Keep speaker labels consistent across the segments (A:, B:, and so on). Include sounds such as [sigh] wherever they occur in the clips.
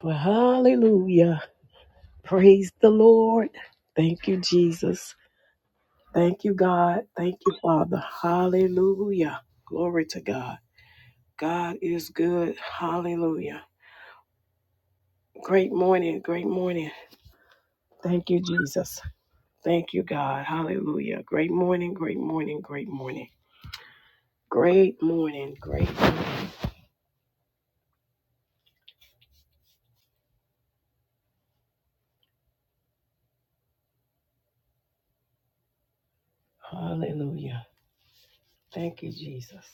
A: But hallelujah. Praise the Lord. Thank you, Jesus. Thank you, God. Thank you, Father. Hallelujah. Glory to God. God is good. Hallelujah. Great morning. Great morning. Thank you, Jesus. Thank you, God. Hallelujah. Great morning. Great morning. Great morning. Great morning. Great. Hallelujah. Thank you, Jesus.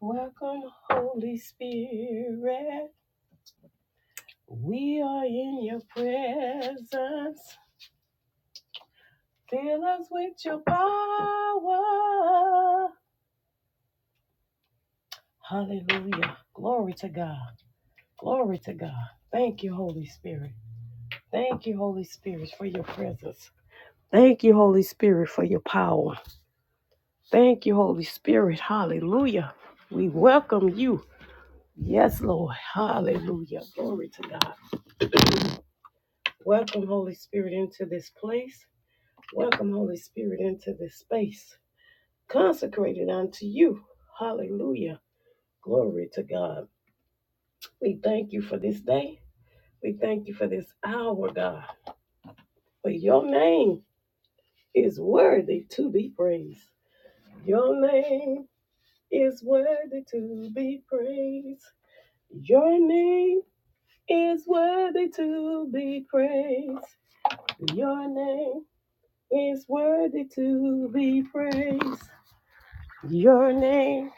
A: Welcome, Holy Spirit. We are in your presence. Fill us with your power. Hallelujah. Glory to God. Glory to God. Thank you, Holy Spirit. Thank you, Holy Spirit, for your presence. Thank you, Holy Spirit, for your power. Thank you, Holy Spirit. Hallelujah. We welcome you. Yes, Lord. Hallelujah. Glory to God. Welcome, Holy Spirit, into this place. Welcome, Holy Spirit, into this space. Consecrated unto you. Hallelujah. Glory to God. We thank you for this day. We thank you for this hour, God. For your name is worthy to be praised. Your name is worthy to be praised. Your name is worthy to be praised. Your name is worthy to be praised. Your name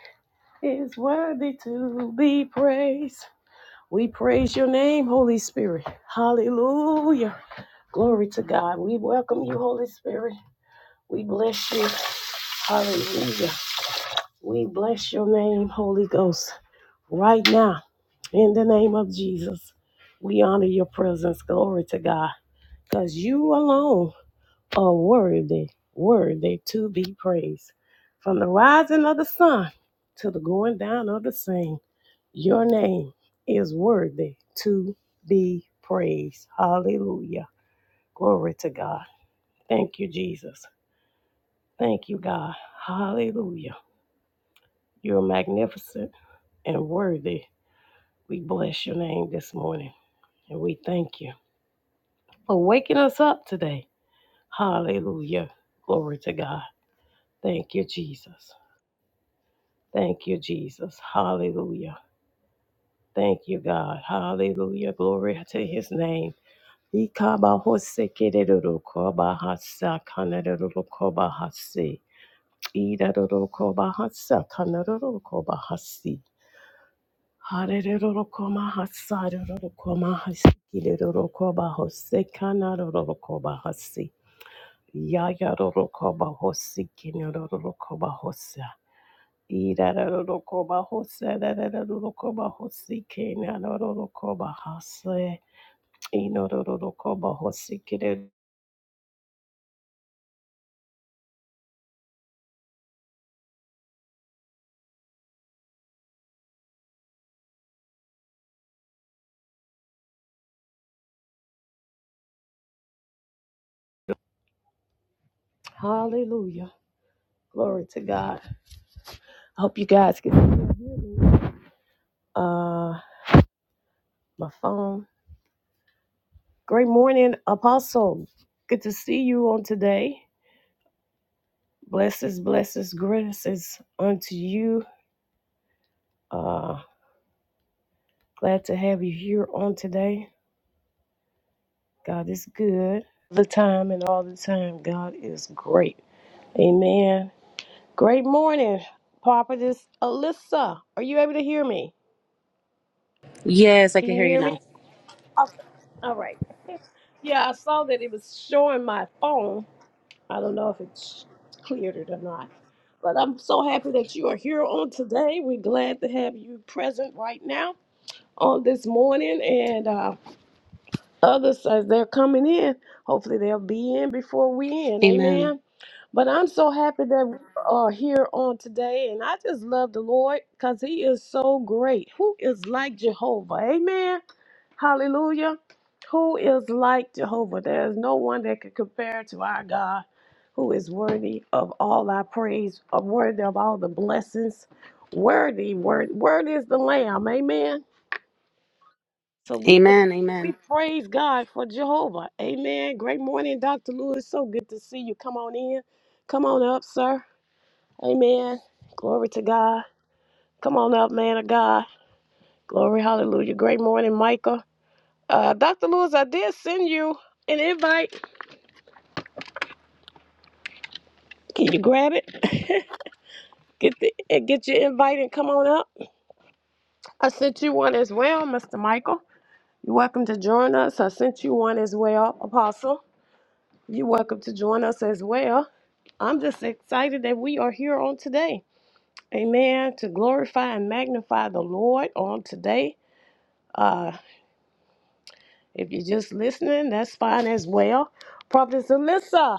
A: is worthy to be praised. We praise your name, Holy Spirit. Hallelujah. Glory to God. We welcome you, Holy Spirit. We bless you. Hallelujah. We bless your name, Holy Ghost, right now, in the name of Jesus. We honor your presence. Glory to God. Because you alone are worthy, worthy to be praised. From the rising of the sun to the going down of the same, your name is worthy to be praised. Hallelujah. Glory to God. Thank you, Jesus. Thank you, God. Hallelujah. You're magnificent and worthy. We bless your name this morning and we thank you for waking us up today. Hallelujah. Glory to God. Thank you, Jesus. Thank you, Jesus. Hallelujah. Thank you, God. Hallelujah. Glory to his name. Ikabahosekererokobahasakanarerokobahasekererokobahasi. Idarorokobahasakanarorokobahasi. Harerorokoma hasarorokoma hasikirerorokoba hosekanarorokoba hasi. Yayarorokoba hosikinerorokoba hosa. Irarorokoba hosererorokoba hosikinarorokoba hase. Inororokoba hosikire. Hallelujah. Glory to God. I hope you guys can hear me. Uh, my phone. Great morning, Apostle. Good to see you on today. Blessings, blessings, graces unto you. Uh, glad to have you here on today. God is good. The time and all the time, God is great. Amen. Great morning, Prophetess Alyssa. Are you able to hear me?
B: Yes, I
A: Can
B: can
A: you
B: hear you
A: hear
B: now.
A: me? Okay. All right. [laughs] Yeah, I saw that it was showing my phone. I don't know if it's cleared it or not. But I'm so happy that you are here on today. We're glad to have you present right now on this morning. And uh, others, as they're coming in, hopefully they'll be in before we end.
B: Amen.
A: Amen. But I'm so happy that we are here on today. And I just love the Lord because He is so great. Who is like Jehovah? Amen. Hallelujah. Who is like Jehovah? There is no one that can compare to our God who is worthy of all our praise, of worthy of all the blessings. Worthy, word, worthy is the Lamb. Amen. So we
B: Amen.
A: we
B: Amen.
A: praise God for Jehovah. Amen. Great morning, Dr. Lewis. So good to see you. Come on in. Come on up, sir. Amen. Glory to God. Come on up, man of God. Glory, hallelujah. Great morning, Michael. Uh, Dr. Lewis, I did send you an invite. Can you grab it? [laughs] get the eh, get your invite and come on up. I sent you one as well, Mr. Michael. You're welcome to join us. I sent you one as well, Apostle. You're welcome to join us as well. I'm just excited that we are here on today. Amen. To glorify and magnify the Lord on today. Uh, if you're just listening, that's fine as well. Prophet Alyssa.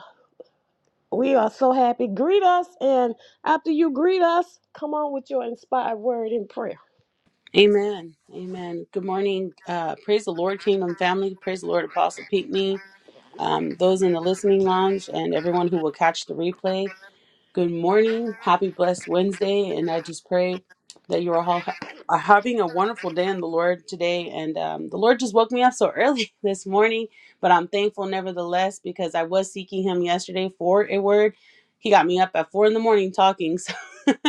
A: We are so happy. Greet us, and after you greet us, come on with your inspired word in prayer.
B: Amen. Amen. Good morning. Uh, praise the Lord, Kingdom family. Praise the Lord, Apostle Pinckney, um, those in the listening lounge, and everyone who will catch the replay. Good morning. Happy blessed Wednesday. And I just pray that you are all ha- are having a wonderful day in the Lord today. And um, the Lord just woke me up so early [laughs] this morning, but I'm thankful nevertheless because I was seeking Him yesterday for a word. He got me up at four in the morning talking. So [laughs]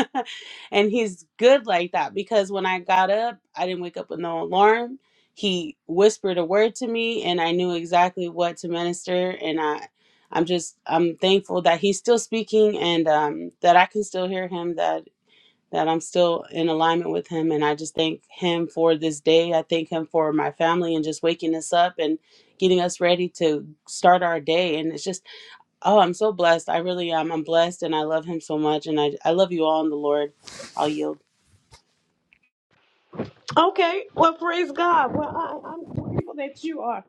B: and He's good like that because when I got up, I didn't wake up with no alarm. He whispered a word to me, and I knew exactly what to minister. and I. I'm just I'm thankful that he's still speaking and um, that I can still hear him. That that I'm still in alignment with him, and I just thank him for this day. I thank him for my family and just waking us up and getting us ready to start our day. And it's just oh, I'm so blessed. I really am. I'm blessed, and I love him so much. And I I love you all in the Lord. I'll yield.
A: Okay, well, praise God. Well, I, I'm grateful that you are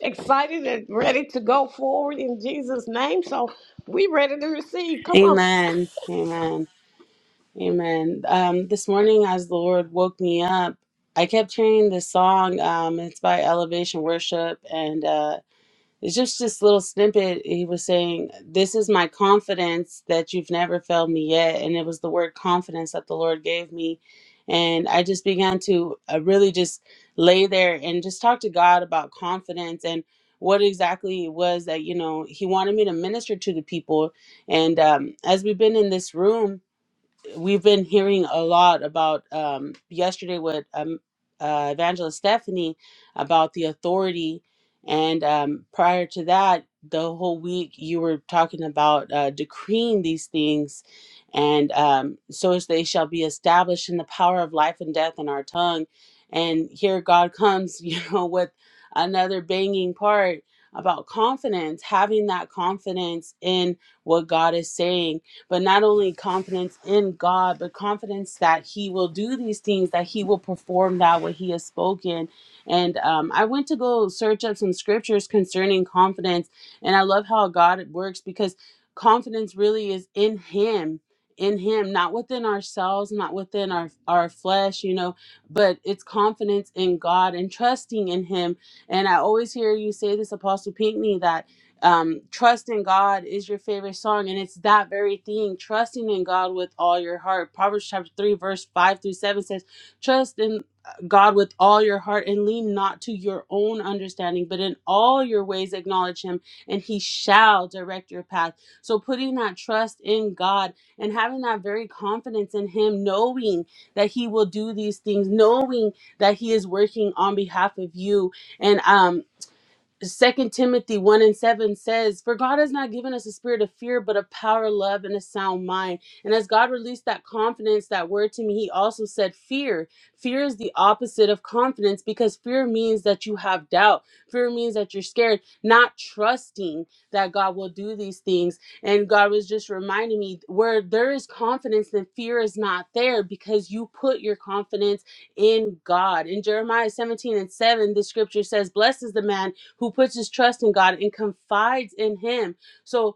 A: excited and ready to go forward in Jesus' name. So we ready to receive. Come on.
B: Amen. Amen. Amen. Um, this morning, as the Lord woke me up, I kept hearing this song. Um, it's by Elevation Worship, and uh, it's just this little snippet. He was saying, "This is my confidence that you've never failed me yet," and it was the word confidence that the Lord gave me, and I just began to uh, really just lay there and just talk to God about confidence and what exactly it was that you know He wanted me to minister to the people. And um, as we've been in this room we've been hearing a lot about um, yesterday with um, uh, evangelist stephanie about the authority and um, prior to that the whole week you were talking about uh, decreeing these things and um, so as they shall be established in the power of life and death in our tongue and here god comes [laughs] you know with another banging part about confidence having that confidence in what god is saying but not only confidence in God, but confidence that He will do these things, that He will perform that what He has spoken. And um, I went to go search up some scriptures concerning confidence, and I love how God works because confidence really is in Him. In him, not within ourselves, not within our our flesh, you know, but it's confidence in God and trusting in Him. And I always hear you say this, Apostle Pinckney, that um, trust in God is your favorite song, and it's that very thing, trusting in God with all your heart. Proverbs chapter 3, verse 5 through 7 says, Trust in uh, God with all your heart and lean not to your own understanding, but in all your ways acknowledge Him, and He shall direct your path. So, putting that trust in God and having that very confidence in Him, knowing that He will do these things, knowing that He is working on behalf of you. And um, Second Timothy one and seven says, For God has not given us a spirit of fear, but of power, love, and a sound mind. And as God released that confidence, that word to me, he also said fear. Fear is the opposite of confidence because fear means that you have doubt. Fear means that you're scared, not trusting that God will do these things. And God was just reminding me where there is confidence, then fear is not there because you put your confidence in God. In Jeremiah 17 and 7, the scripture says, Blessed is the man who puts his trust in God and confides in Him. So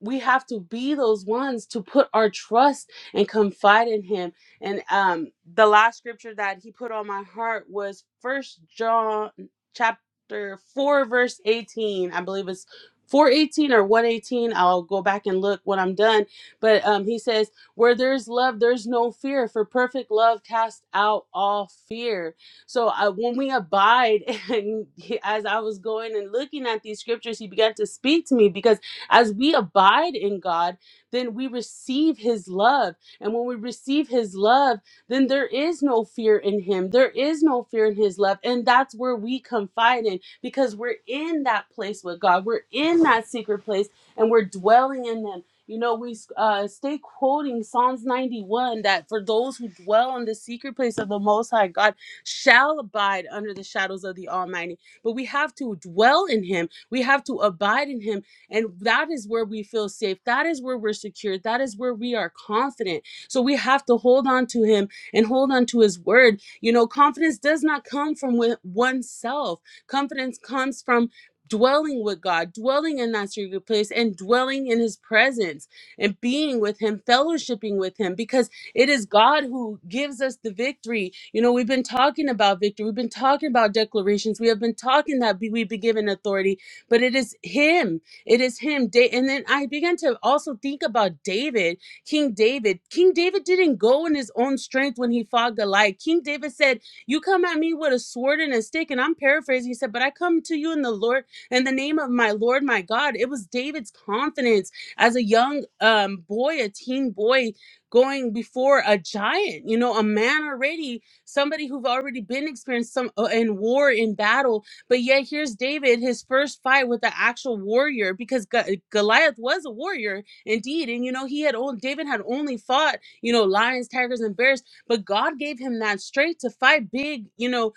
B: we have to be those ones to put our trust and confide in Him. And um, the last scripture that He put on my heart was First John chapter four, verse eighteen. I believe it's. 418 or 118 i'll go back and look when i'm done but um, he says where there's love there's no fear for perfect love casts out all fear so I, when we abide, [laughs] and he- as I was going and looking at these scriptures, he began to speak to me because as we abide in God, then we receive his love. And when we receive his love, then there is no fear in him. There is no fear in his love. And that's where we confide in because we're in that place with God. We're in that secret place and we're dwelling in him. You know, we uh, stay quoting Psalms 91 that for those who dwell in the secret place of the Most High God, shall abide under the shadows of the Almighty. But we have to dwell in Him, we have to abide in Him. And that is where we feel safe. That is where we're secure. That is where we are confident. So we have to hold on to Him and hold on to His word. You know, confidence does not come from wi- oneself, confidence comes from dwelling with God, dwelling in that secret place, and dwelling in His presence and being with Him, fellowshipping with Him, because it is God who gives us the victory. You know, we've been talking about victory. We've been talking about declarations. We have been talking that be- we've been given authority, but it is Him. It is Him. Da- And then I began to also think about David, King David. King David didn't go in his own strength when he fought Goliath. King David said, You come at me with a sword and a stick. And I'm paraphrasing. He said, But I come to you in the Lord, in the name of my Lord, my God. It was David's confidence as a young um, boy, a teen boy going before a giant, you know, a man already, somebody who've already been experienced some uh, in war, in battle. But yet here's David, his first fight with the actual warrior, because Go- Goliath was a warrior indeed, and you know he had only David had only fought, you know, lions, tigers, and bears, but God gave him that strength to fight big, you know.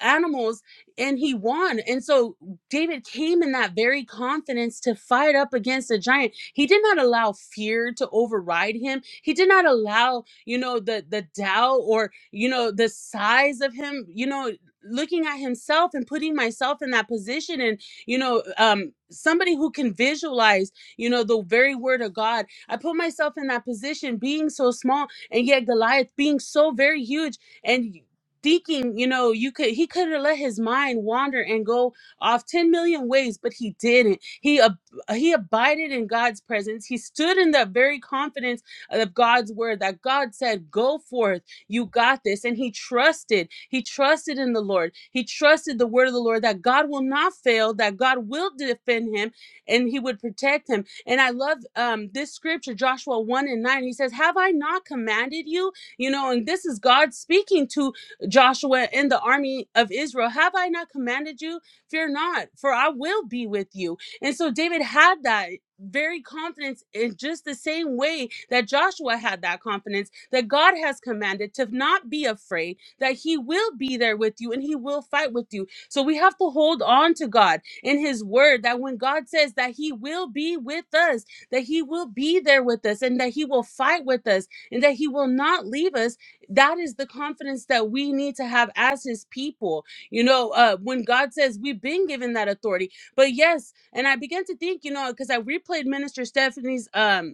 B: Animals and he won, and so David came in that very confidence to fight up against a giant he did not allow fear to override him. He did not allow, you know, the the doubt or, you know, the size of him, you know, looking at himself and putting myself in that position and, you know, um somebody who can visualize, you know, the very word of God. I put myself in that position being so small and yet Goliath being so very huge and thinking, you know, you could he could have let his mind wander and go off 10 million ways, but he didn't. He uh, he abided in God's presence. He stood in the very confidence of God's word that God said, Go forth, you got this. And he trusted. He trusted in the Lord. He trusted the word of the Lord that God will not fail, that God will defend him and he would protect him. And I love um, this scripture, Joshua 1 and 9. He says, Have I not commanded you? You know, and this is God speaking to Joshua and the army of Israel. Have I not commanded you? Fear not, for I will be with you and so David had that very confidence in just the same way that Joshua had that confidence that God has commanded to not be afraid, that he will be there with you and he will fight with you. So we have to hold on to God in his word that when God says that he will be with us, that he will be there with us and that he will fight with us and that he will not leave us, that is the confidence that we need to have as his people. You know, uh, when God says we've been given that authority, but yes, and I began to think, you know, because I replayed Minister Stephanie's um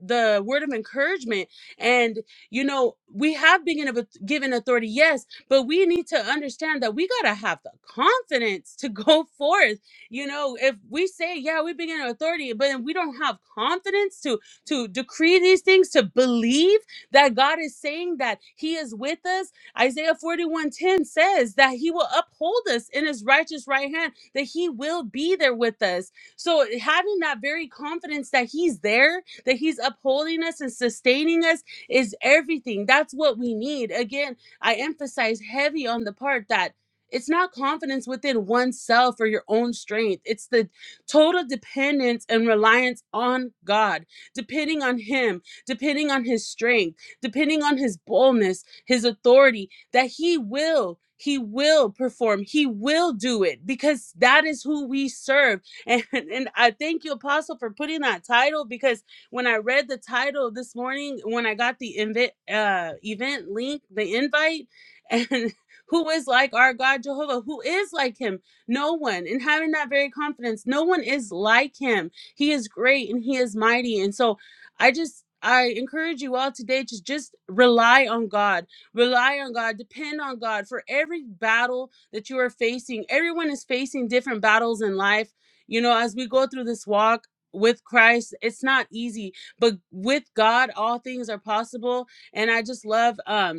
B: the word of encouragement and you know we have been given given authority yes but we need to understand that we got to have the confidence to [laughs] go forth you know if we say yeah we've been given authority but then we don't have confidence to to decree these things to believe that god is saying that he is with us isaiah 41 10 says that he will uphold us in his righteous right hand that he will be there with us so having that very confidence that he's there that He's upholding us and sustaining us is everything. That's what we need. Again, I emphasize heavy on the part that it's not confidence within oneself or your own strength. It's the total dependence and reliance on God, depending on Him, depending on His strength, depending on His boldness, His authority, that He will. He will perform. He will do it because that is who we serve. [laughs] And, and I thank you, Apostle, for putting that title because when I read the title this morning, when I got the invite uh, event link, the invite, and [laughs] who is like our God Jehovah? Who is like him? No one. And having that very confidence, no one is like him. He is great and he is mighty. And so I just I encourage you all today to just rely on God. Rely on God. Depend on God for every battle that you are facing. Everyone is facing different battles in life. You know, as we go through this walk, with Christ, it's not easy, but with God, all things are possible. And I just love um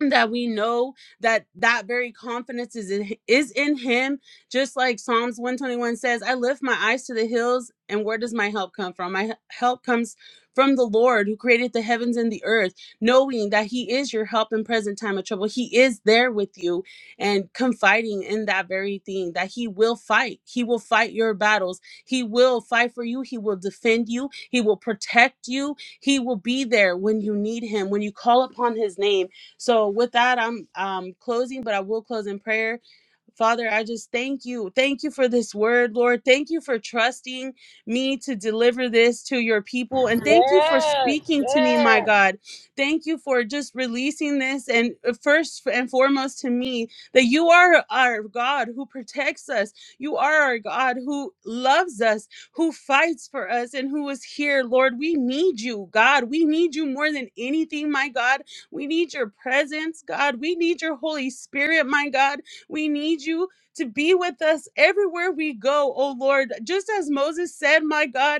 B: that we know that that very confidence is in is in him just like psalms 121 says i lift my eyes to the hills and where does my help come from my he- help comes from the lord who created the heavens and the earth knowing that he is your help in present time of trouble he is there with you and confiding in that very thing that he will fight he will fight your battles he will fight for you he will defend you he will protect you he will be there when you need him when you call upon his name so with that, I'm um closing, but I will close in prayer. Father, I just thank you. Thank you for this word, Lord. Thank you for trusting me to deliver this to your people. And thank you for
A: Yes,
B: speaking to me, my
A: yes.
B: God. Thank you for just releasing this. And uh, first and foremost to me, that you are our God who protects us. You are our God who loves us, who fights for us, and who is here. Lord, we need you, God. We need you more than anything, my God. We need your presence, God. We need your Holy Spirit, my God. We need you to be with us everywhere we go, oh Lord. Just as Moses said, my God,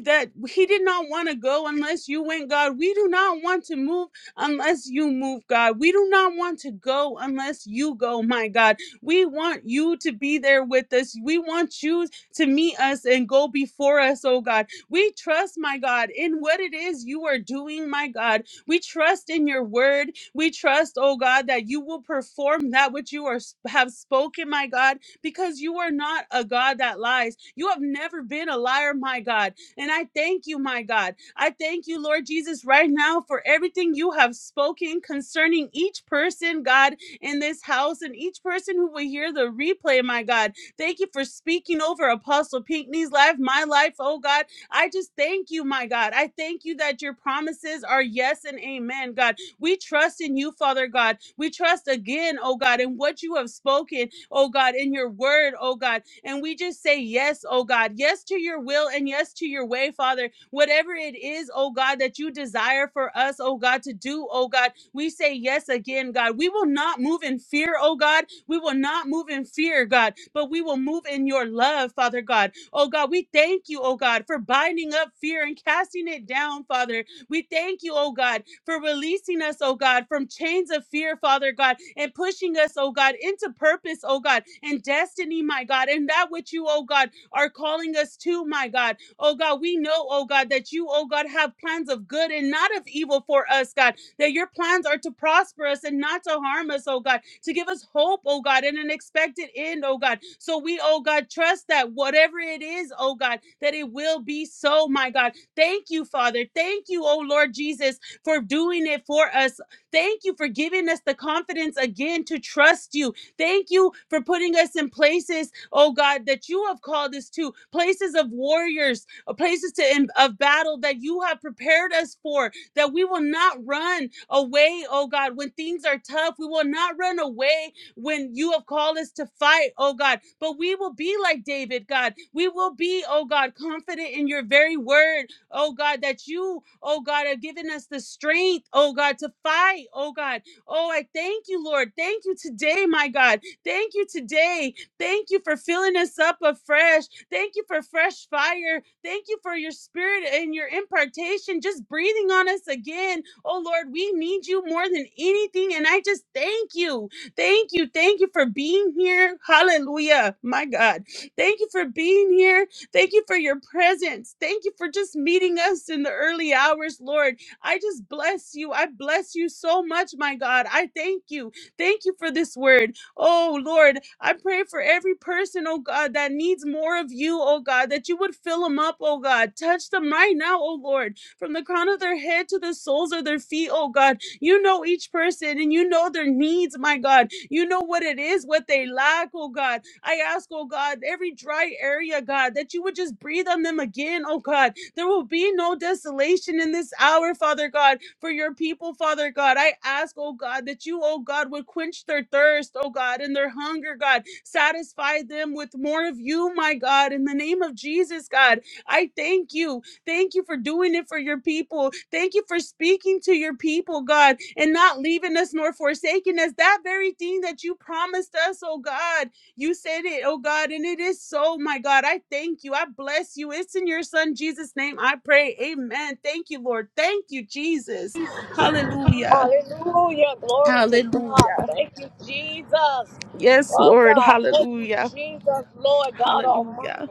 B: that he did not want to go unless you went, God. We do not want to move unless you move, God. We do not want to go unless you go, my God. We want you to be there with us. We want you to meet us and go before us, oh God. We trust, my God, in what it is you are doing, my God. We trust in your word. We trust, oh God, that you will perform that which you are have spoken, my God, because you are not a God that lies. You have never been a liar, my God. And I thank you, my God. I thank you, Lord Jesus, right now for everything you have spoken concerning each person, God, in this house and each person who will hear the replay, my God. Thank you for speaking over Apostle Pinckney's life, my life, oh God. I just thank you, my God. I thank you that your promises are yes and amen, God. We trust in you, Father God. We trust again, oh God, in what you have spoken, oh God, in your word, oh God. And we just say yes, oh God, yes to your will and yes to your way, Father. Whatever it is, oh God, that you desire for us, oh God, to do, oh God, we say yes again, God. We will not move in fear, oh God. We will not move in fear, God, but we will move in your love, Father God. Oh God, we thank you, oh God, for binding up fear and casting it down, Father. We thank you, oh God, for releasing us, oh God, from chains of fear, Father God, and pushing us, oh God, into purpose, oh God, and destiny, my God, and that which you, oh God, are calling us to, my God. Oh God, we know, oh God, that you, oh God, have plans of good and not of evil for us, God, that your plans are to prosper us and not to harm us, oh God, to give us hope, oh God, and an expected end, oh God. So we, oh God, trust that whatever it is, oh God, that it will be so, my God Thank you, Father. Thank you, oh Lord Jesus, for doing it for us. Thank you for giving us the confidence again to trust you. Thank you for putting us in places, oh God, that you have called us to, places of warriors, uh, places to in, of battle that you have prepared us for, that we will not run away, oh God, when things are tough. We will not run away when you have called us to fight, oh God. But we will be like David, God. We will be, oh God, confident in your very word oh God, that you, oh God, are giving us the strength, oh God, to fight, oh God. Oh, I thank you, Lord. Thank you today, my God. Thank you today. Thank you for filling us up afresh. Thank you for fresh fire. Thank you for your spirit and your impartation, just breathing on us again. Oh Lord, we need you more than anything. And I just thank you. Thank you. Thank you for being here. Hallelujah. My God. Thank you for being here. Thank you for your presence. Thank you for just meeting us in the early hours, Lord. I just bless you. I bless you so much, my God. I thank you. Thank you for this word. Oh, Lord, I pray for every person, oh God, that needs more of you, oh God, that you would fill them up, oh God. Touch them right now, oh Lord, from the crown of their head to the soles of their feet, oh God. You know each person and you know their needs, my God. You know what it is, what they lack, oh God. I ask, oh God, every dry area, God, that you would just breathe on them again, oh God. There will be no desolation in this hour, Father God, for your people, Father God. I ask, oh God, that you, oh God, would quench their thirst, oh God, and their hunger, God. Satisfy them with more of you, my God, in the name of Jesus, God. I thank you. Thank you for doing it for your people. Thank you for speaking to your people, God, and not leaving us nor forsaking us. That very thing that you promised us, oh God. You said it, oh God, and it is so, my God. I thank you. I bless you. It's in your son Jesus' name I pray. Amen. Thank you, Lord. Thank you, Jesus. Hallelujah.
A: Hallelujah. Glory to God.
B: Hallelujah.
A: Thank you, Jesus.
B: Yes,
A: Oh,
B: Lord.
A: God. Thank you,
B: Hallelujah.
A: Jesus, Lord God Almighty.
B: Hallelujah.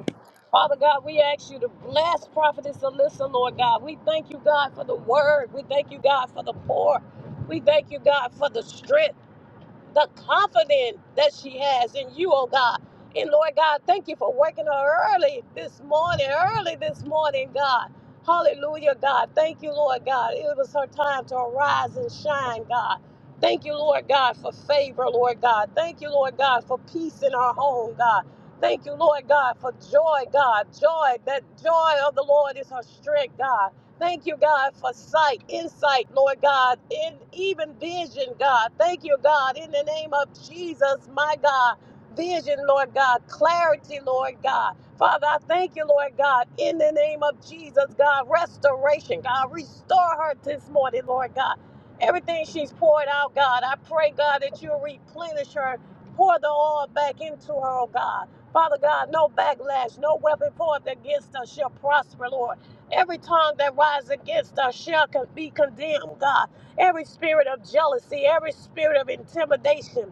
A: Father God, we ask you to bless Prophetess Alyssa, Lord God. We thank you, God, for the word. We thank you, God, for the poor. We thank you, God, for the strength the confidence that she has in you, oh God. And Lord God, thank you for waking her early this morning, early this morning, God. Hallelujah, God. Thank you, Lord God. It was her time to arise and shine, God. Thank you, Lord God, for favor, Lord God. Thank you, Lord God, for peace in our home, God. Thank you, Lord God, for joy, God. Joy, that joy of the Lord is her strength, God. Thank you, God, for sight, insight, Lord God, and even vision, God. Thank you, God, in the name of Jesus, my God. Vision, Lord God, clarity, Lord God. Father, I thank you, Lord God, in the name of Jesus, God. Restoration, God. Restore her this morning, Lord God. Everything she's poured out, God, I pray, God, that you replenish her. Pour the oil back into her, oh God. Father God, no backlash, no weapon poured against us shall prosper, Lord. Every tongue that rises against us shall con- be condemned, God. Every spirit of jealousy, every spirit of intimidation,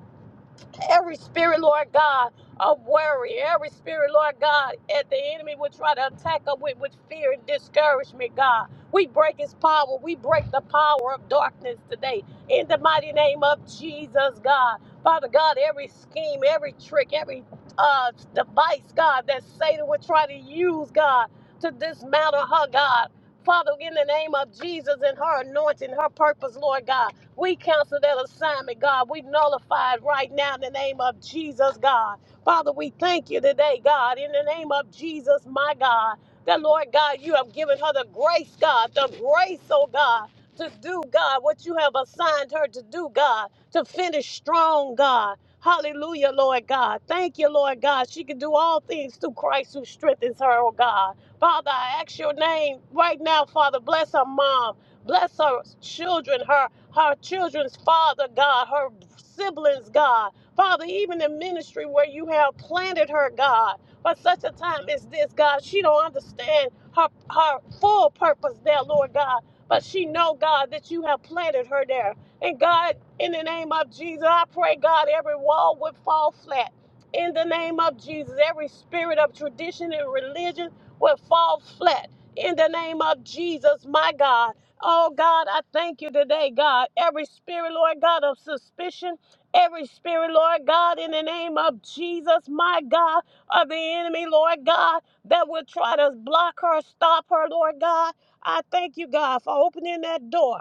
A: every spirit, Lord God, of worry, every spirit, Lord God, that the enemy would try to attack us with, with fear and discouragement, God. We break his power. We break the power of darkness today. In the mighty name of Jesus, God. Father God, every scheme, every trick, every uh, device, God, that Satan would try to use, God, to dismantle her, God. Father, in the name of Jesus and her anointing, her purpose, Lord God. We cancel that assignment, God. We nullify it right now in the name of Jesus, God. Father, we thank you today, God, in the name of Jesus, my God. That, Lord God, you have given her the grace, God, the grace, oh God, to do, God, what you have assigned her to do, God, to finish strong, God. Hallelujah, Lord God. Thank you, Lord God. She can do all things through Christ who strengthens her, oh God. Father, I ask your name right now, Father. Bless her mom. Bless her children, her her children's father, God, her siblings, God. Father, even in ministry where you have planted her, God, for such a time as this, God, she don't understand her her full purpose there, Lord God. But she know, God, that you have planted her there. And God, in the name of Jesus, I pray, God, every wall would fall flat. In the name of Jesus, every spirit of tradition and religion will fall flat. In the name of Jesus, my God. Oh God, I thank you today, God. Every spirit, Lord God, of suspicion, every spirit, Lord God, in the name of Jesus, my God, of the enemy, Lord God, that will try to block her, stop her, Lord God. I thank you, God, for opening that door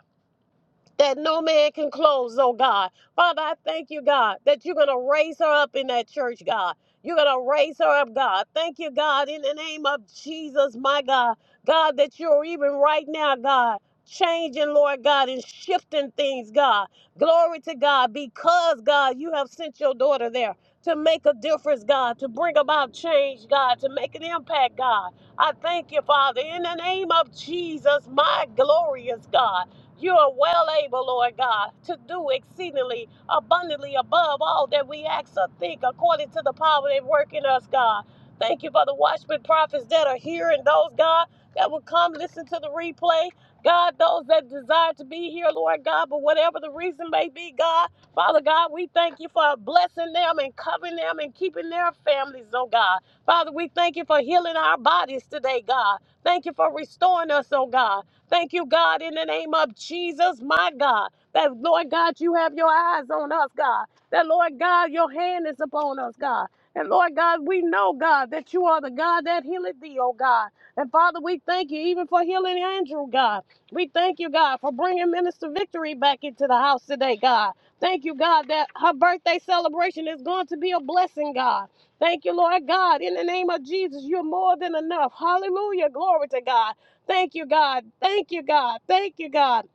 A: that no man can close, oh God. Father, I thank you, God, that you're going to raise her up in that church, God. You're going to raise her up, God. Thank you, God, in the name of Jesus, my God. God, that you're even right now, God, changing, Lord God, and shifting things, God. Glory to God, because, God, you have sent your daughter there to make a difference, God, to bring about change, God, to make an impact, God. I thank you, Father, in the name of Jesus, my glorious God. You are well able, Lord God, to do exceedingly abundantly above all that we ask or think according to the power that work in us, God. Thank you for the watchmen prophets that are here and those, God, that will come listen to the replay. God, those that desire to be here, Lord God, but whatever the reason may be, God, Father God, we thank you for blessing them and covering them and keeping their families, oh God. Father, we thank you for healing our bodies today, God. Thank you for restoring us, oh God. Thank you, God, in the name of Jesus, my God. That, Lord God, you have your eyes on us, God. That, Lord God, your hand is upon us, God. And Lord God, we know, God, that you are the God that healeth thee, oh God. And Father, we thank you even for healing Andrew, God. We thank you, God, for bringing Minister Victory back into the house today, God. Thank you, God, that her birthday celebration is going to be a blessing, God. Thank you, Lord God. In the name of Jesus, you're more than enough. Hallelujah. Glory to God. Thank you, God. Thank you, God. Thank you, God.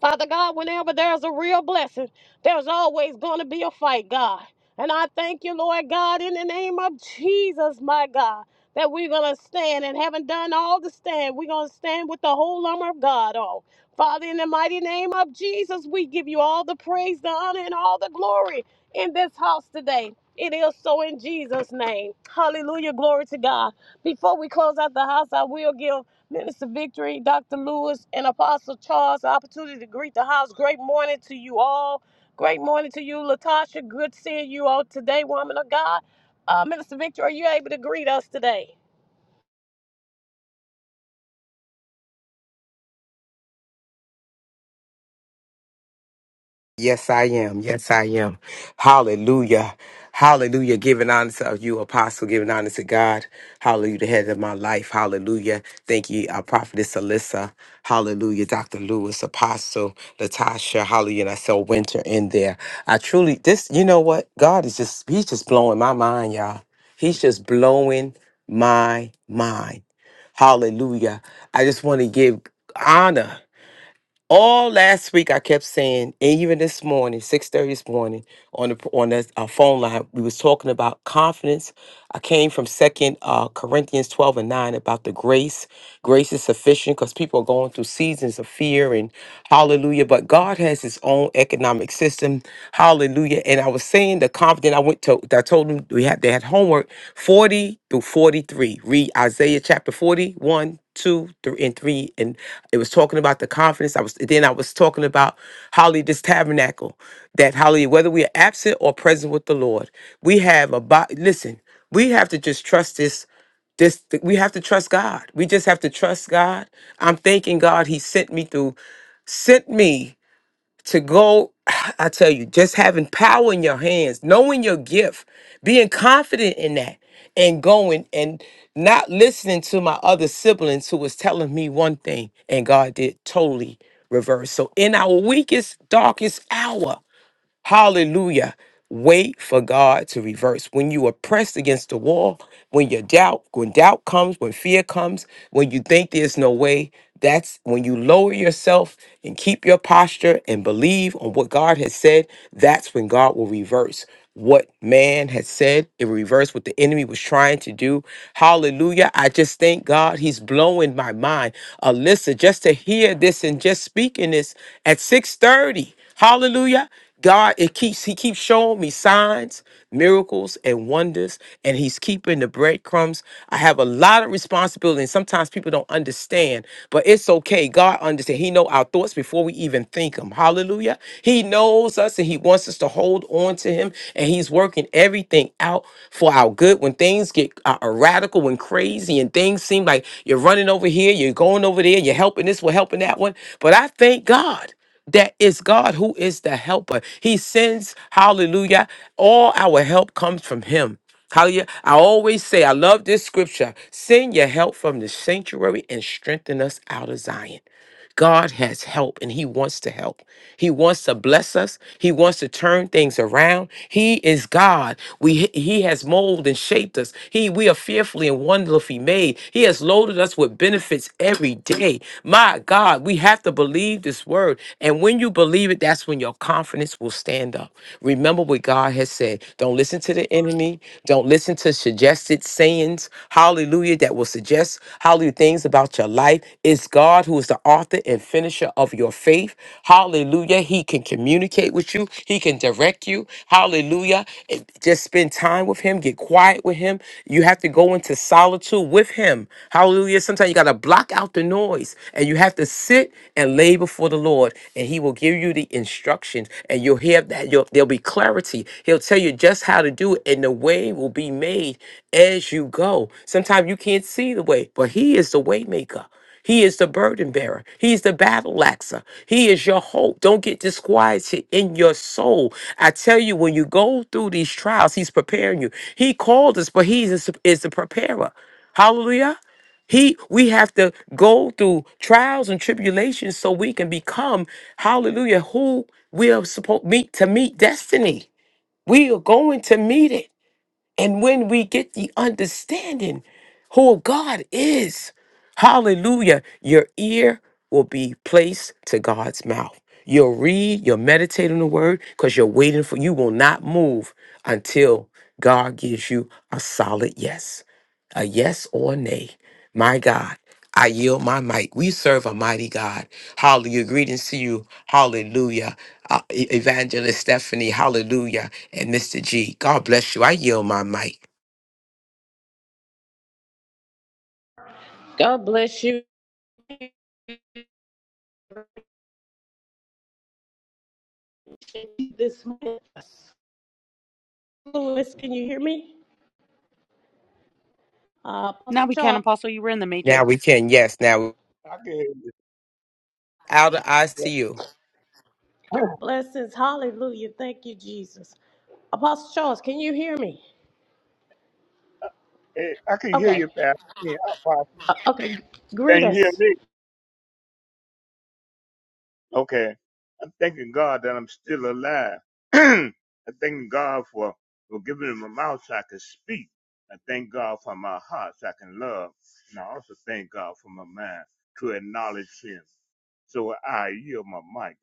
A: Father God, whenever there's a real blessing, there's always going to be a fight, God. And I thank you, Lord God, in the name of Jesus, my God, that we're going to stand and haven't done all to stand. We're going to stand with the whole armor of God on. Father, in the mighty name of Jesus, we give you all the praise, the honor, and all the glory in this house today. It is so in Jesus' name. Hallelujah. Glory to God. Before we close out the house, I will give. Minister Victory, Dr. Lewis, and Apostle Charles, the opportunity to greet the house. Great morning to you all. Great morning to you, Latasha. Good seeing you all today, woman of God. Uh, Minister Victory, are you able to greet us today?
C: Yes, I am. Yes, I am. Hallelujah. Hallelujah. Giving honor to you, apostle, giving honor to God. Hallelujah. The head of my life. Hallelujah. Thank you, our prophetess Alyssa. Hallelujah. Dr. Lewis, apostle, Latasha. Hallelujah. And I saw winter in there. I truly, this, you know what? God is just, he's just blowing my mind, y'all. He's just blowing my mind. Hallelujah. I just want to give honor all last week I kept saying, and even this morning, six thirty this morning on the on the our phone line, we was talking about confidence I came from Second uh, Corinthians twelve and nine about the grace. Grace is sufficient because people are going through seasons of fear and hallelujah. But God has His own economic system, hallelujah. And I was saying the confident. I went to. I told them we had they had homework forty through forty three. Read Isaiah chapter forty one, two, three, and three, and it was talking about the confidence. I was then I was talking about Holly this tabernacle, that Holly whether we are absent or present with the Lord, we have a body. Listen, we have to just trust this this we have to trust god we just have to trust god i'm thanking god he sent me through sent me to go [sighs] i tell you just having power in your hands knowing your gift being confident in that and going and not listening to my other siblings who was telling me one thing and god did totally reverse so in our weakest darkest hour Hallelujah. Wait for God to reverse. When you are pressed against the wall, when you doubt, when doubt comes, when fear comes, when you think there's no way, that's when you lower yourself and keep your posture and believe on what God has said, that's when God will reverse what man has said in reverse what the enemy was trying to do. Hallelujah. I just thank God he's blowing my mind. Alyssa, just to hear this and just speaking this at 6:30. Hallelujah. God, it keeps He keeps showing me signs, miracles, and wonders, and He's keeping the breadcrumbs. I have a lot of responsibility, and sometimes people don't understand, but it's okay. God understands. He know our thoughts before we even think them. Hallelujah. He knows us, and He wants us to hold on to Him, and He's working everything out for our good. When things get uh, uh, radical and crazy, and things seem like you're running over here, you're going over there, you're helping this, we're helping that one, but I thank God that is God who is the helper. He sends, hallelujah, all our help comes from Him. Hallelujah. I always say, I love this scripture. Send your help from the sanctuary and strengthen us out of Zion. God has help and He wants to help. He wants to bless us. He wants to turn things around. He is God. We He has molded and shaped us. He we are fearfully and wonderfully made. He has loaded us with benefits every day. My God, we have to believe this word. And when you believe it, that's when your confidence will stand up. Remember what God has said. Don't listen to the enemy. Don't listen to listen to suggested sayings, hallelujah, that will suggest, hallelujah, things about your life. It's God who is the author and finisher of your faith. Hallelujah. He can communicate with you, He can direct you. Hallelujah. And Just spend time with Him, get quiet with Him. You have to go into solitude with Him. Hallelujah. Sometimes you got to block out the noise and you have to sit and lay before the Lord, and He will will give you the instructions and you'll hear that you'll, there'll be clarity. He'll tell you just how to do it and the way will be made as you go. Sometimes you can't see the way, but he is the way maker. He is the burden bearer. He is the battle axer. He is your hope. Don't get disquieted in your soul. I tell you, when you go through these trials, he's preparing you. He called us, but he is, is the preparer. Hallelujah. He we have to go through trials and tribulations so we can become, hallelujah, who we are supposed meet to meet destiny. We are going to meet it. And when we get the understanding who God is, hallelujah, your ear will be placed to God's mouth. You'll read, you'll meditate on the word because you're waiting for, you will not move until God gives you a solid yes, a yes or a nay. My God, I yield my mic. We serve a mighty God. Hallelujah. Greetings to you. Hallelujah. Uh, E- Evangelist Stephanie, hallelujah and Mr. G. God bless you. I yield my mic.
A: God bless you this morning. Lewis, can you hear me? Uh,
B: Now
A: Apostle
B: we can,
A: Charles,
B: Apostle. You were in the
C: Now
B: matrix.
C: we can, yes, now
D: I can hear
C: out of
D: you.
C: ICU.
D: [laughs]
A: blessings. Hallelujah. Thank you, Jesus. Apostle Charles, can you hear me?
D: Hey, I can hear
A: Okay.
D: you, Pastor. Yeah, I apologize.
A: Uh, okay. Greet
D: Can you hear
A: us.
D: me? Okay. I'm thanking God that I'm still alive. [clears throat] i thank God for, for giving me my mouth so I can speak. I thank God for my heart so I can love. And I also thank God for my mind to acknowledge Him. So I yield my mic.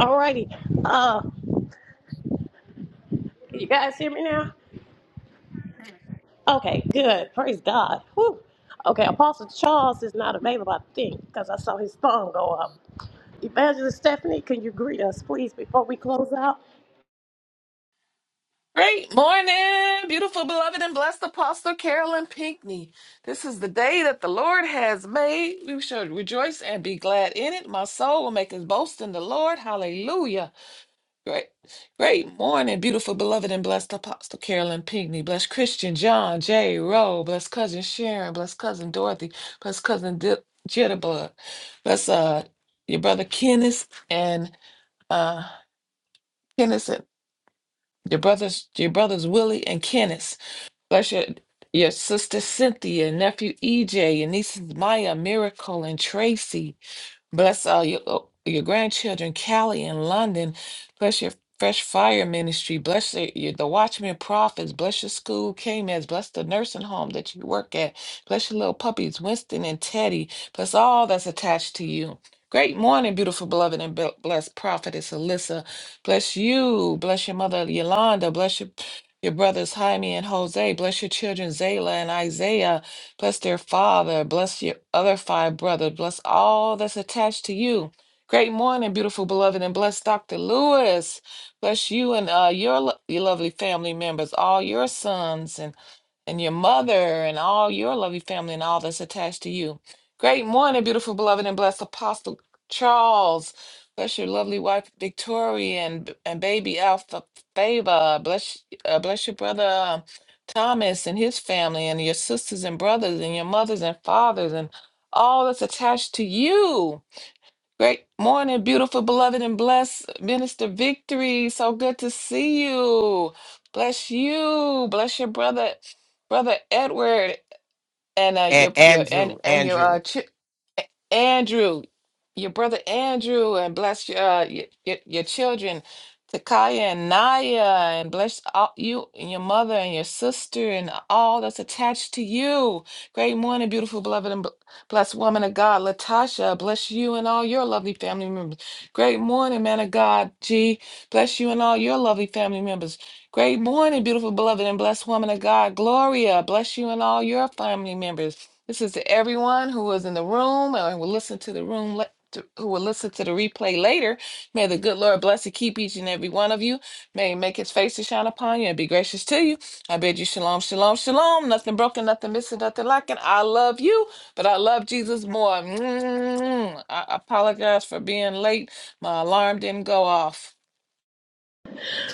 A: All righty. Uh, you guys hear me now? Okay, good. Praise God. Whew. Okay, Apostle Charles is not available, I think, because I saw his phone go up. Evangelist Stephanie, can you greet us, please, before we close out?
E: Great morning, beautiful, beloved, and blessed Apostle Carolyn Pinckney. This is the day that the Lord has made. We shall rejoice and be glad in it. My soul will make its boast in the Lord. Hallelujah. Great, great morning, beautiful, beloved, and blessed Apostle Carolyn Pinckney. Bless Christian John J. Rowe. Bless cousin Sharon. Bless cousin Dorothy. Bless cousin D- Jitterbug. Bless uh your brother Kenneth and uh Kenneth and your brothers, your brothers Willie and Kenneth. Bless your, your sister Cynthia, nephew EJ, your nieces Maya, Miracle, and Tracy. Bless all your uh, your grandchildren, Cali and London. Bless your fresh fire ministry. Bless the, your, the watchmen prophets. Bless your school, KMES. Bless the nursing home that you work at. Bless your little puppies, Winston and Teddy. Bless all that's attached to you. Great morning, beautiful beloved and be- blessed prophetess Alyssa. Bless you. Bless your mother Yolanda. Bless your your brothers Jaime and Jose. Bless your children Zayla and Isaiah. Bless their father. Bless your other five brothers. Bless all that's attached to you. Great morning, beautiful beloved, and bless Dr. Lewis. Bless you and uh, your, lo- your lovely family members, all your sons. and and your mother and all your lovely family and all that's attached to you. Great morning, beautiful, beloved, and blessed Apostle Charles. Bless your lovely wife Victoria and and baby Alpha Favor. Bless uh, bless your brother um, Thomas and his family and your sisters and brothers and your mothers and fathers and all that's attached to you. Great morning, beautiful, beloved, and blessed Minister Victory. So good to see you. Bless you. Bless your brother, brother Edward, and uh,
C: And
E: your your and
C: Andrew,
E: and your
C: Andrew.
E: uh, chi- a- Andrew, your brother Andrew, and bless your uh, your, your, your children, Takaya and Naya, and bless all, you and your mother and your sister and all that's attached to you. Great morning, beautiful, beloved, and bl- blessed woman of God, Latasha. Bless you and all your lovely family members. Great morning, man of God, G. Bless you and all your lovely family members. Great morning, beautiful, beloved, and blessed woman of God, Gloria. Bless you and all your family members. This is to everyone who was in the room and will listen to the room le- to, who will listen to the replay later. May the good Lord bless and keep each and every one of you. May He make His face to shine upon you and be gracious to you. I bid you shalom, shalom, shalom. Nothing broken, nothing missing, nothing lacking. I love you, but I love Jesus more. mm I apologize for being late. My alarm didn't go off.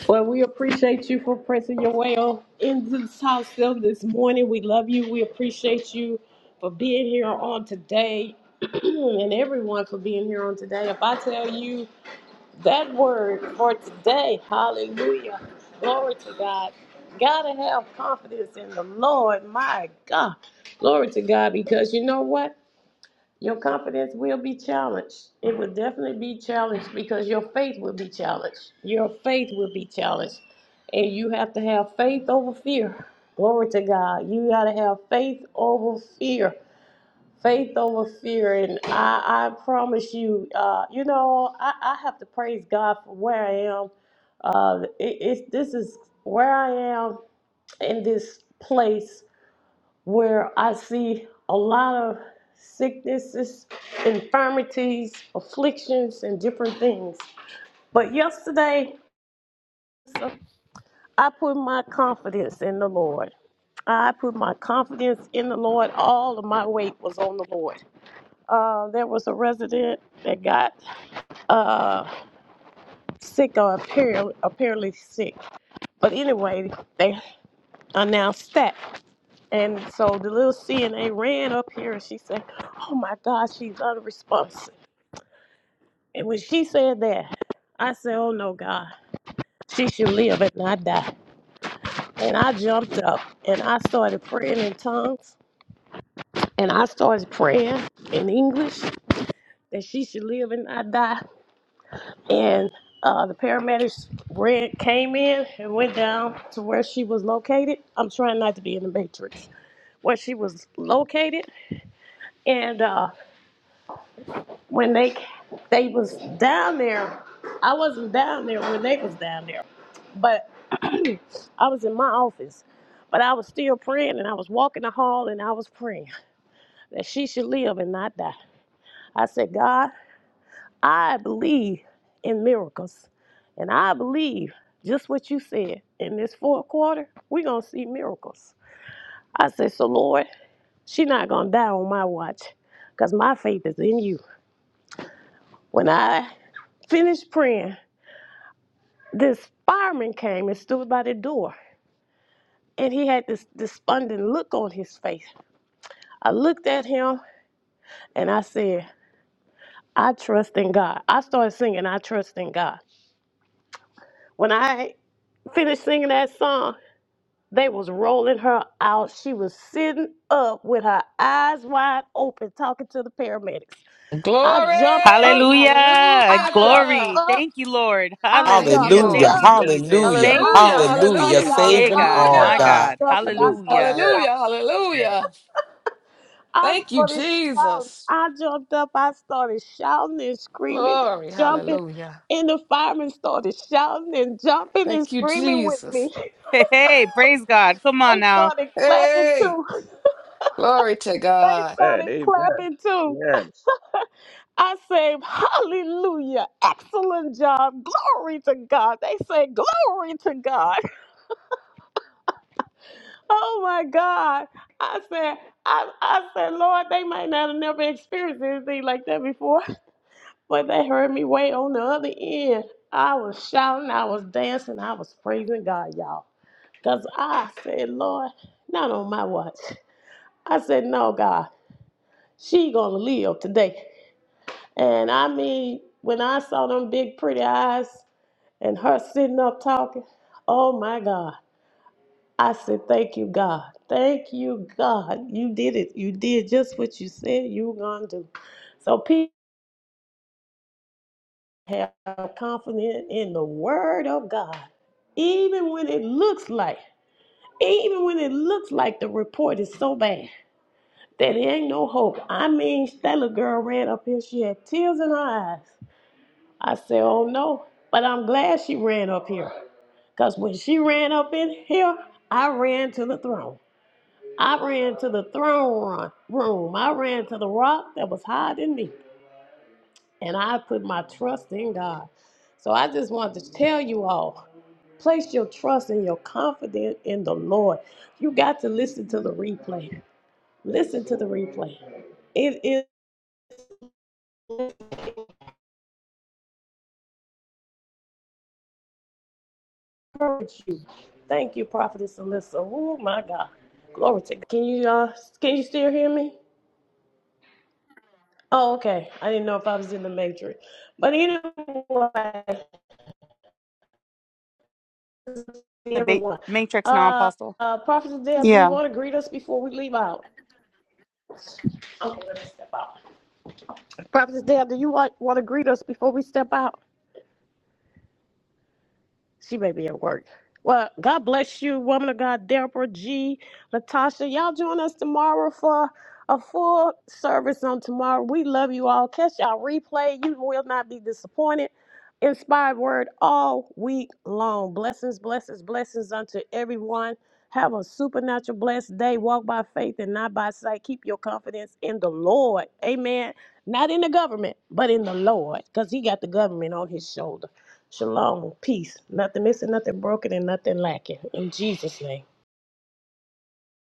A: Well, we appreciate you for pressing your way on into this house still this morning. We love you. We appreciate you for being here on today [clears throat] and everyone for being here on today. If I tell you, That word for today, hallelujah. Glory to God. Gotta have confidence in the Lord, my God. Glory to God, because you know what? Your confidence will be challenged. It will definitely be challenged because your faith will be challenged. Your faith will be challenged. And you have to have faith over fear. Glory to God. You gotta have faith over fear faith over fear and i i promise you uh you know i i have to praise god for where i am uh it, it's this is where i am in this place where i see a lot of sicknesses infirmities afflictions and different things but yesterday i put my confidence in the lord i put my confidence in the lord all of my weight was on the lord Uh, there was a resident that got uh, sick or apparently, apparently sick. But anyway, they announced that. And so the little CNA ran up here and she said, Oh my God, she's unresponsive. And when she said that, I said, Oh no, God, she should live and not die. And I jumped up and I started praying in tongues. And I started praying in English that she should live and not die. and uh, the paramedics ran, came in and went down to where she was located. I'm trying not to be in the matrix. Where she was located, and uh, when they they was down there, I wasn't down there when they was down there, but [clears throat] I was in my office. But I was still praying, and I was walking the hall, and I was praying that she should live and not die. I said, God. I believe in miracles. And I believe just what you said in this fourth quarter, we're going to see miracles. I said, So, Lord, she not going to die on my watch because my faith is in you. When I finished praying, this fireman came and stood by the door. And he had this despondent look on his face. I looked at him and I said, I trust in God. I started singing, I trust in God. When I finished singing that song, They was rolling her out. She was sitting up with her eyes wide open talking to the paramedics. I jumped up.
E: Glory,
B: Hallelujah.
A: I jumped
E: hallelujah.
B: Glory.
A: up.
B: Thank you, Lord.
A: I
E: Thank you,
A: jumped
B: Hallelujah.
C: Hallelujah,
E: Lord.
B: Thank
D: Hallelujah.
A: up.
B: you, Jesus.
D: Yeah.
C: hallelujah,
D: Yeah.
B: Thank
A: I
B: you,
E: Hallelujah,
A: jumped
B: Lord.
A: up,
C: hallelujah.
E: hallelujah,
D: Hallelujah.
A: y'all.
B: Yay,
C: Saving
A: y'all.
B: God.
D: Yeah.
A: I
C: arm,
B: My
E: hallelujah.
C: God.
B: God.
A: jumped up and I
D: Hallelujah.
A: started
B: Hallelujah. [laughs]
D: Yeah.
A: shouting.
E: Hallelujah.
D: Yeah.
E: Hallelujah.
A: I
E: Thank you,
A: started shouting.
E: Jesus.
A: I jumped up. I started shouting and screaming and
E: Glory.
A: jumping.
E: Hallelujah.
A: And the firemen started shouting and jumping and
E: Thank you,
A: screaming with me.
E: Jesus.
A: [laughs]
B: Hey, hey, praise God. Come on
A: They
B: now.
A: started clapping
E: Hey,
A: too.
E: glory to God.
A: They
D: Man,
A: started
D: amen.
A: clapping too.
D: Yes.
A: I say, Hallelujah. Excellent job. Glory to God. They say, Glory to God. [laughs] Oh my God. I said, I, I said, Lord, they might not have never experienced anything like that before, but they heard me way on the other end. I was shouting, I was dancing, I was praising God, y'all. Because I said, Lord, not on my watch. I said, No, God, she gonna live today. And I mean, when I saw them big, pretty eyes, and her sitting up talking. Oh my God. I said, Thank you, God. Thank you, God. You did it. You did just what you said you were going to do. So people have confidence in the word of God, even when it looks like, even when it looks like the report is so bad that it ain't no hope. I mean, that little girl ran up here. She had tears in her eyes. I said, Oh no. But I'm glad she ran up here. Because when she ran up in here, I ran to the throne. I ran to the throne run- room. I ran to the rock that was higher than me. And I put my trust in God. So I just wanted to tell you all place your trust and your confidence in the Lord. You got to listen to the replay. Listen to the replay. It it encourages you. Thank you, Prophetess Alyssa. Oh my God. Glory to God. Can you uh can you still hear me? Oh, okay. I didn't know if I was in the matrix. But anyway,
B: The ba-
A: everyone.
B: matrix now,
A: Uh,
B: Apostle.
A: uh, Prophet Deb, do you
B: Yeah.
A: want to greet us before we leave out? Okay, let me step out. Prophet Deb, do you want, want to greet us before we step out? She may be at work. Well, God bless you, woman of God, Deborah G. Natasha. Y'all join us tomorrow for a full service on tomorrow. We love you all. Catch y'all replay. You will not be disappointed. Inspired word all week long. Blessings, blessings, blessings unto everyone. Have a supernatural blessed day. Walk by faith and not by sight. Keep your confidence in the Lord. Amen. Not in the government, but in the Lord, because He got the government on His shoulder. Shalom, peace, nothing missing, nothing broken, and nothing lacking. In Jesus' name.